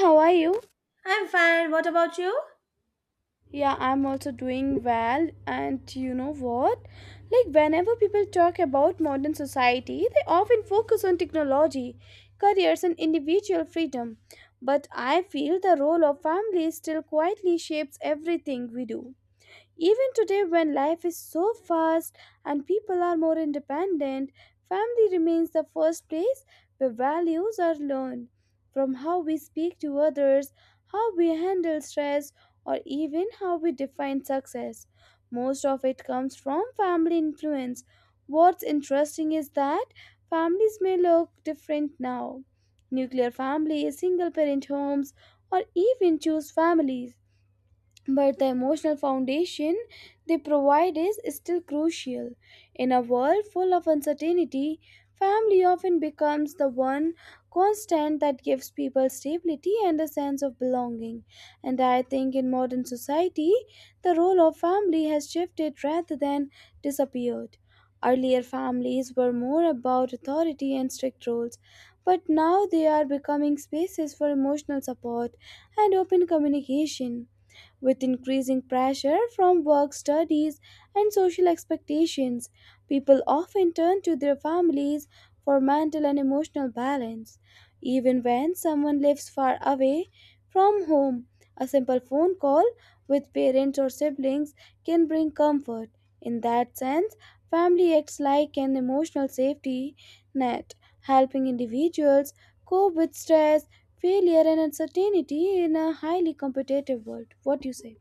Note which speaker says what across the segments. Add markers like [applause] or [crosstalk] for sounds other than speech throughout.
Speaker 1: How are you?
Speaker 2: I'm fine. What about you?
Speaker 1: Yeah, I'm also doing well. And you know what? Like, whenever people talk about modern society, they often focus on technology, careers, and individual freedom. But I feel the role of family still quietly shapes everything we do. Even today, when life is so fast and people are more independent, family remains the first place where values are learned. From how we speak to others, how we handle stress, or even how we define success. Most of it comes from family influence. What's interesting is that families may look different now. Nuclear families, single parent homes, or even choose families, but the emotional foundation they provide is still crucial. In a world full of uncertainty, family often becomes the one constant that gives people stability and a sense of belonging. And I think in modern society, the role of family has shifted rather than disappeared. Earlier, families were more about authority and strict rules, but now they are becoming spaces for emotional support and open communication. With increasing pressure from work, studies, and social expectations, people often turn to their families for mental and emotional balance. Even when someone lives far away from home, a simple phone call with parents or siblings can bring comfort. In that sense, family acts like an emotional safety net, helping individuals cope with stress, failure and uncertainty in a highly competitive world. What do you say?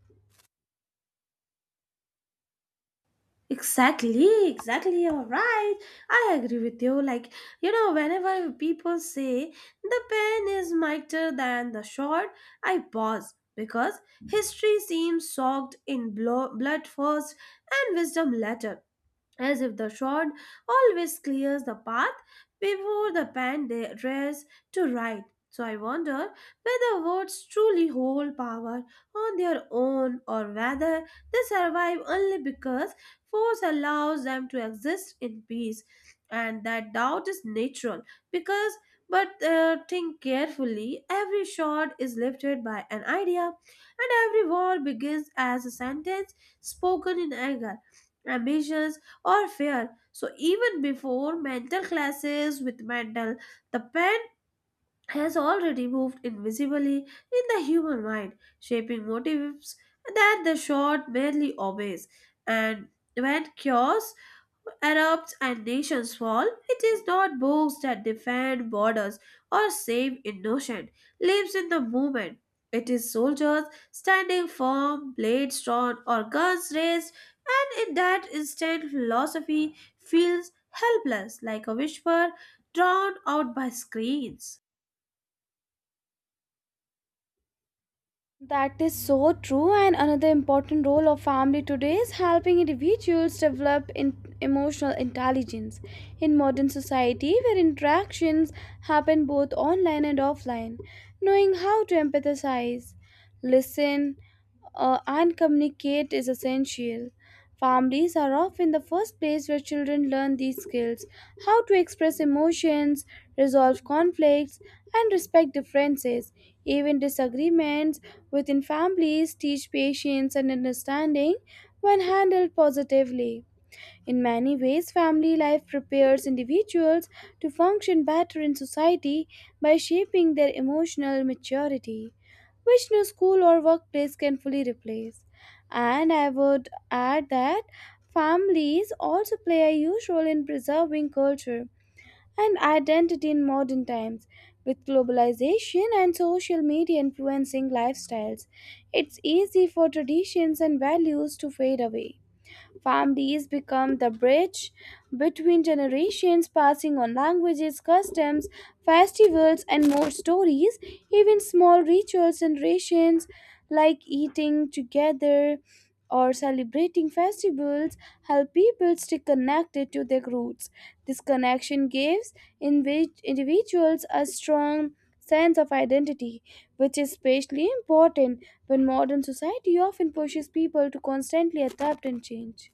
Speaker 2: Exactly, exactly. All right. I agree with you. Like, whenever people say the pen is mightier than the sword, I pause because history seems soaked in blood first and wisdom later, as if the shod always clears the path before the pen dares to write. So I wonder whether words truly hold power on their own or whether they survive only because force allows them to exist in peace. And that doubt is natural because, but think carefully, every shot is lifted by an idea, and every word begins as a sentence spoken in anger, ambitions, or fear. So even before mental clashes with mental, the pen has already moved invisibly in the human mind, shaping motives that the short merely obeys. And when chaos Arabs and nations fall, it is not books that defend borders or save innocent lives in the moment. It is soldiers standing firm, blades drawn, or guns raised, and in that instant, philosophy feels helpless like a whisper drowned out by screens.
Speaker 1: That is so true, and another important role of family today is helping individuals develop in emotional intelligence. In modern society, where interactions happen both online and offline, knowing how to empathize, listen, and communicate is essential. Families are often the first place where children learn these skills, how to express emotions, resolve conflicts, and respect differences. Even disagreements within families teach patience and understanding when handled positively. In many ways, family life prepares individuals to function better in society by shaping their emotional maturity, which no school or workplace can fully replace. And I would add that families also play a huge role in preserving culture and identity in modern times. With globalization and social media influencing lifestyles, it's easy for traditions and values to fade away. Families become the bridge between generations, passing on languages, customs, festivals, and more stories. Even small rituals and rations like eating together or celebrating festivals help people stay connected to their roots. This connection gives individuals a strong sense of identity, which is especially important when modern society often pushes people to constantly adapt and change.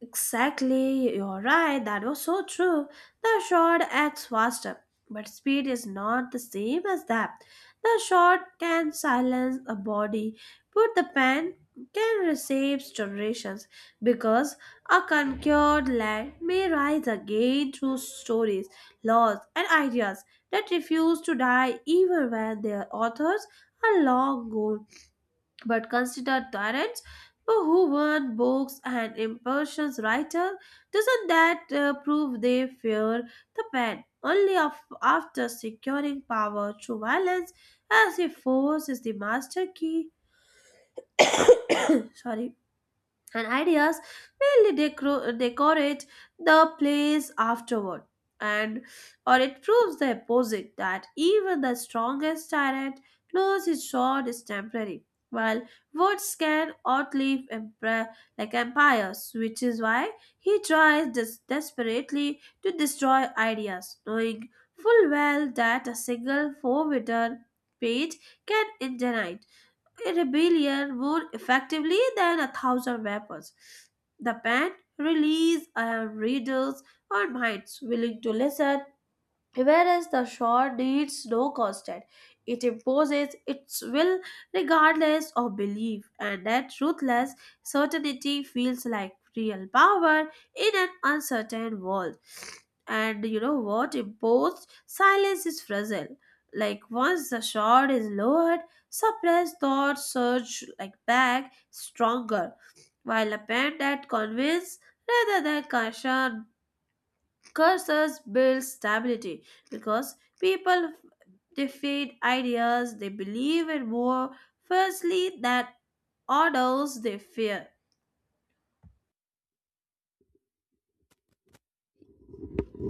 Speaker 2: Exactly, you're right. That was so true. The shot acts faster, but speed is not the same as that. The shot can silence a body, but the pen can receive generations because a conquered land may rise again through stories, laws, and ideas that refuse to die even when their authors are long gone. But consider Terence, who won books and impressions writer. Doesn't that prove they fear the pen? Only after securing power through violence, as he forces the master key. [coughs] Sorry, and ideas will decorate the place afterward, and or it proves the opposite that even the strongest tyrant knows his sword is temporary while words can outlive empire, like empires, which is why he tries desperately to destroy ideas knowing full well that a single four-written page can intimidate a rebellion more effectively than a thousand weapons. The pen released our readers or minds willing to listen, whereas the shore needs no constant. It imposes its will regardless of belief, and that ruthless certainty feels like real power in an uncertain world. And you know what? Imposed silence is fragile. Like once the shore is lowered, suppressed thoughts surge like back stronger, while a pen that convinces rather than caution curses build stability because people they feed ideas they believe in more firstly that orders they fear.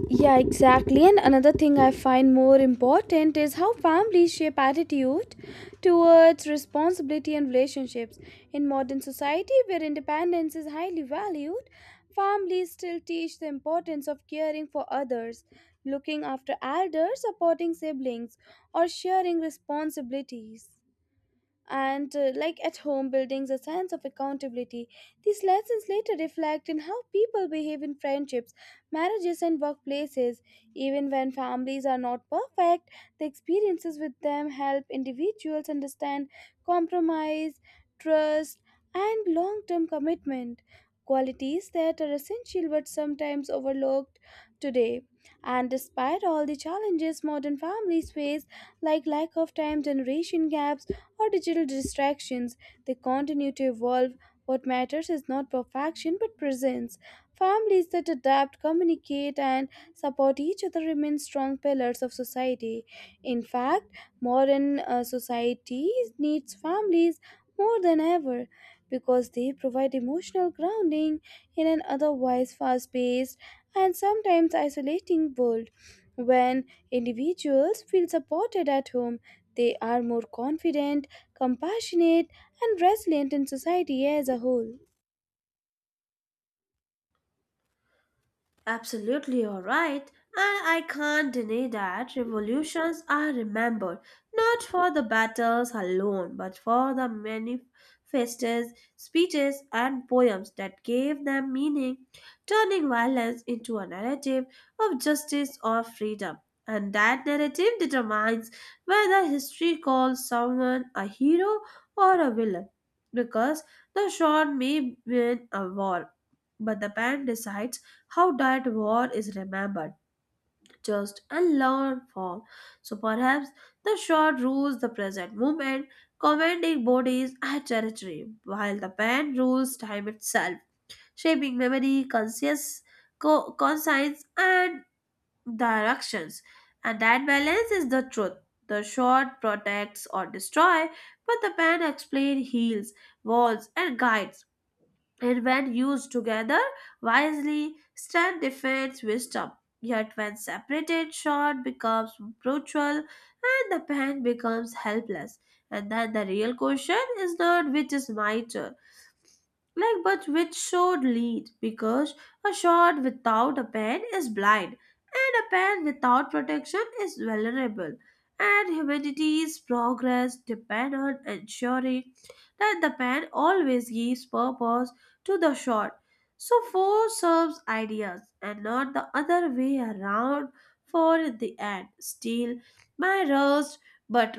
Speaker 1: Yeah, exactly. And another thing I find more important is how families shape attitude towards responsibility and relationships. In modern society, where independence is highly valued, families still teach the importance of caring for others, looking after elders, supporting siblings, or sharing responsibilities. And like at home buildings a sense of accountability, these lessons later reflect in how people behave in friendships, marriages and workplaces. Even when families are not perfect, the experiences with them help individuals understand compromise, trust, and long-term commitment, qualities that are essential but sometimes overlooked today. And despite all the challenges modern families face, like lack of time, generation gaps, or digital distractions, they continue to evolve. What matters is not perfection but presence. Families that adapt, communicate, and support each other remain strong pillars of society. In fact, modern society needs families more than ever because they provide emotional grounding in an otherwise fast paced and sometimes isolating world. When individuals feel supported at home, they are more confident, compassionate, and resilient in society as a whole.
Speaker 2: Absolutely, all right. And I can't deny that revolutions are remembered not for the battles alone, but for the manifestos, speeches, and poems that gave them meaning, turning violence into a narrative of justice or freedom. And that narrative determines whether history calls someone a hero or a villain, because the shot may win a war, but the pen decides how that war is remembered, just and learned from. So perhaps the shot rules the present moment, commanding bodies and territory, while the pen rules time itself, shaping memory, conscious, conscience, and directions. And that balance is the truth. The shot protects or destroys, but the pen explains, heals, warns, and guides, and when used together wisely stand defends wisdom, yet when separated short becomes brutal and the pen becomes helpless. And then the real question is not which is mightier. Like, but which should lead? Because a shot without a pen is blind, and a pen without protection is vulnerable. And humanity's progress depend on ensuring that the pen always gives purpose to the shot. So, force serves ideas and not the other way around. For the end, still, my roast, but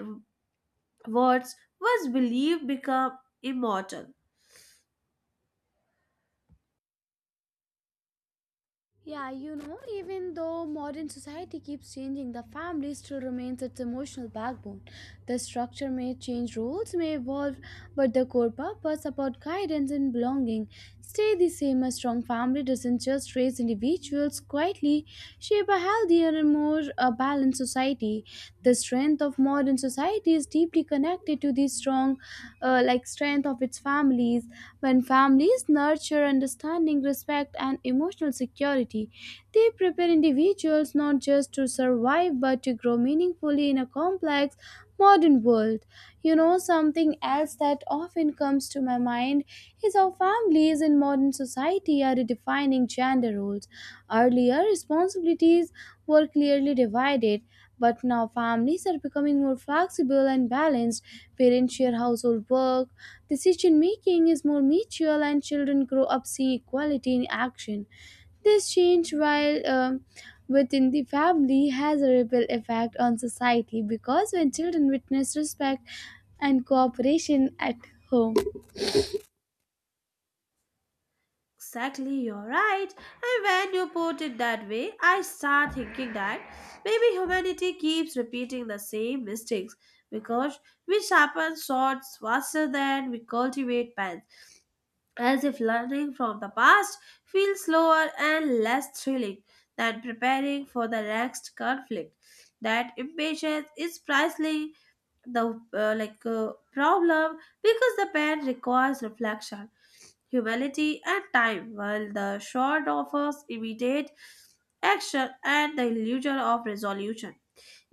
Speaker 2: words was believed become immortal.
Speaker 1: Yeah, you know, even though modern society keeps changing, the family still remains its emotional backbone. The structure may change, roles may evolve, but the core purpose about guidance and belonging stay the same. A strong family doesn't just raise individuals quietly, shape a healthier and more balanced society. The strength of modern society is deeply connected to the strong strong like strength of its families. When families nurture understanding, respect and emotional security, they prepare individuals not just to survive but to grow meaningfully in a complex modern world. You know, something else that often comes to my mind is how families in modern society are redefining gender roles. Earlier, responsibilities were clearly divided, but now families are becoming more flexible and balanced. Parents share household work, decision making is more mutual, and children grow up seeing equality in action. This change, while within the family, has a ripple effect on society, because when children witness respect and cooperation at home.
Speaker 2: Exactly, you're right. And when you put it that way, I start thinking that maybe humanity keeps repeating the same mistakes because we sharpen swords faster than we cultivate pens, as if learning from the past feels slower and less thrilling than preparing for the next conflict. That impatience is precisely the problem because the pen requires reflection, humility, and time, while the short offers imitate action and the illusion of resolution.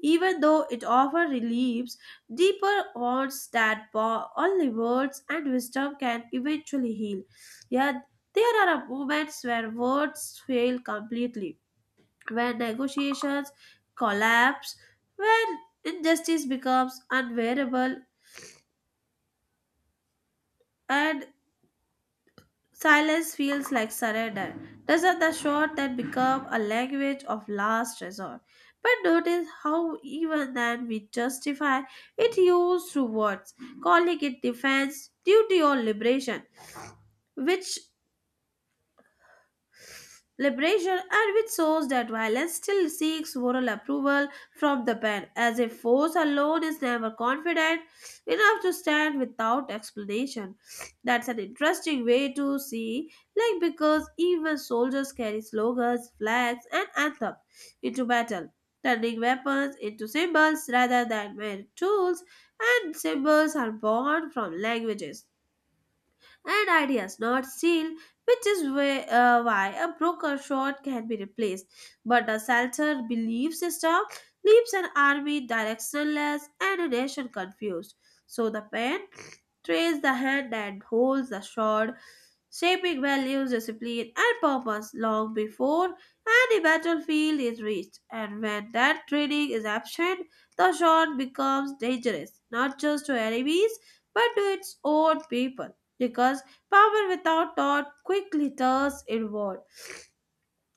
Speaker 2: Even though it often relieves deeper wounds that only words and wisdom can eventually heal. Yet there are moments where words fail completely, when negotiations collapse, when injustice becomes unbearable, and silence feels like surrender. These are the short that become a language of last resort. But notice how even then we justify it used through words, calling it defense, duty, or liberation, which liberation and which shows that violence still seeks moral approval from the pen, as if force alone is never confident enough to stand without explanation. That's an interesting way to see, like because even soldiers carry slogans, flags, and anthems into battle, turning weapons into symbols rather than mere tools, and symbols are born from languages and ideas not seen, which is why a broker short can be replaced. But a sheltered belief system leaves an army directionless and a nation confused. So the pen trails the hand and holds the sword, shaping values, discipline, and purpose long before any battlefield is reached. And when that training is absent, the sword becomes dangerous, not just to enemies, but to its own people because power without thought quickly turns inward.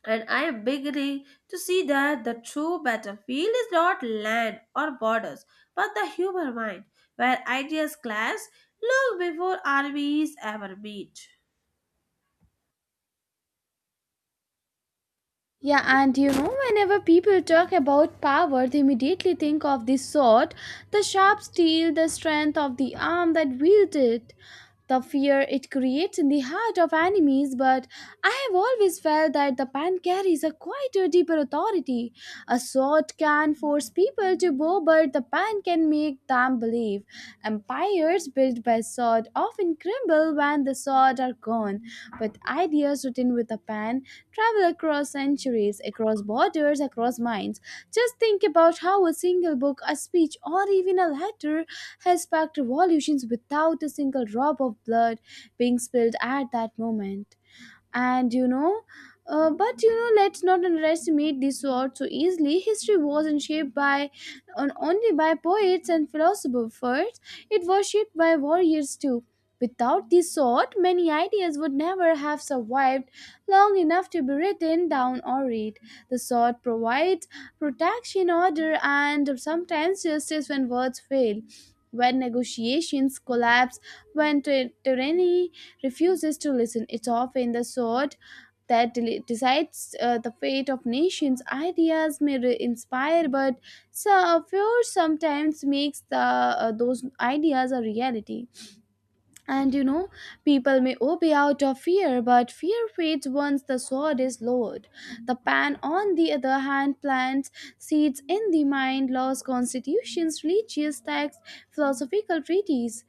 Speaker 2: And I am beginning to see that the true battlefield is not land or borders, but the human mind, where ideas clash long before armies ever meet.
Speaker 1: Yeah, and you know, whenever people talk about power, they immediately think of the sword, the sharp steel, the strength of the arm that wields it, the fear it creates in the heart of enemies. But I have always felt that the pen carries a quieter, deeper authority. A sword can force people to bow, but the pen can make them can't believe. Empires built by sword often crumble when the sword are gone, but ideas written with a pen travel across centuries, across borders, across minds. Just think about how a single book, a speech, or even a letter has sparked revolutions without a single drop of blood being spilled at that moment. And you know, but you know, let's not underestimate this sword so easily. History wasn't shaped by on, only by poets and philosophers first. It was shaped by warriors too. Without this sword, many ideas would never have survived long enough to be written down or read. The sword provides protection, order and sometimes justice when words fail, when negotiations collapse, when tyranny refuses to listen. It's often the sword that decides the fate of nations. Ideas may inspire, but so fear sometimes makes the, those ideas a reality. And you know, people may obey out of fear, but fear fades once the sword is lowered. The pan, on the other hand, plants seeds in the mind, laws, constitutions, religious texts, philosophical treatises.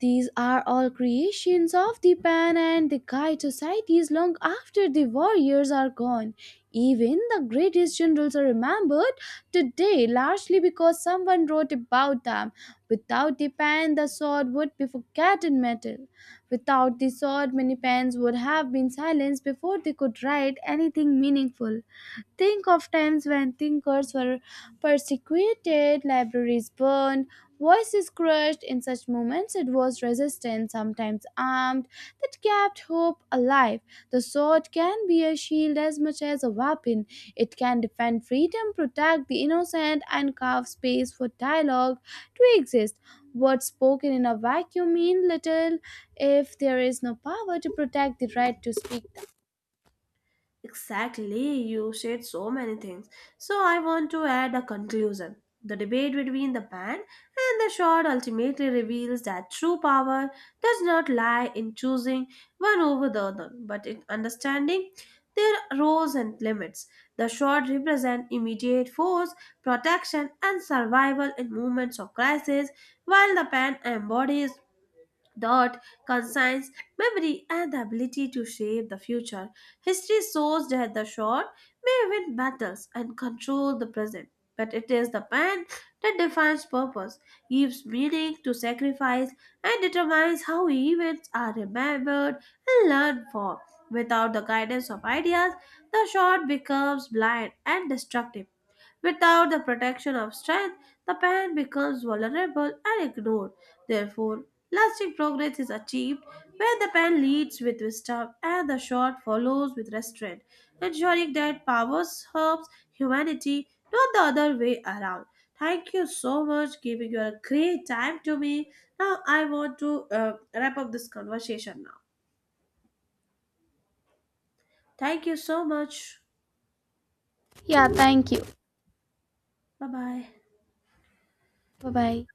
Speaker 1: These are all creations of the pen and the Kite societies long after the warriors are gone. Even the greatest generals are remembered today largely because someone wrote about them. Without the pen, the sword would be forgotten metal. Without the sword, many pens would have been silenced before they could write anything meaningful. Think of times when thinkers were persecuted, libraries burned, voices crushed. In such moments, it was resistance, sometimes armed, that kept hope alive. The sword can be a shield as much as a weapon. It can defend freedom, protect the innocent, and carve space for dialogue to exist. Words spoken in a vacuum mean little if there is no power to protect the right to speak them.
Speaker 2: Exactly, you said so many things. So I want to add a conclusion. The debate between the band and the shot ultimately reveals that true power does not lie in choosing one over the other, but in understanding their roles and limits. The shot represent immediate force, protection, and survival in moments of crisis, while the band embodies dot consigns memory and the ability to shape the future. History shows that the short may win battles and control the present, but it is the pen that defines purpose, gives meaning to sacrifice, and determines how events are remembered and learned from. Without the guidance of ideas, the short becomes blind and destructive. Without the protection of strength, the parent becomes vulnerable and ignored. Therefore, lasting progress is achieved when the pen leads with wisdom and the shot follows with restraint, ensuring that power serves humanity, not the other way around. Thank you so much giving your great time to me. Now I want to wrap up this conversation now. Thank you so much.
Speaker 1: Yeah, thank you.
Speaker 2: Bye bye.
Speaker 1: Bye bye.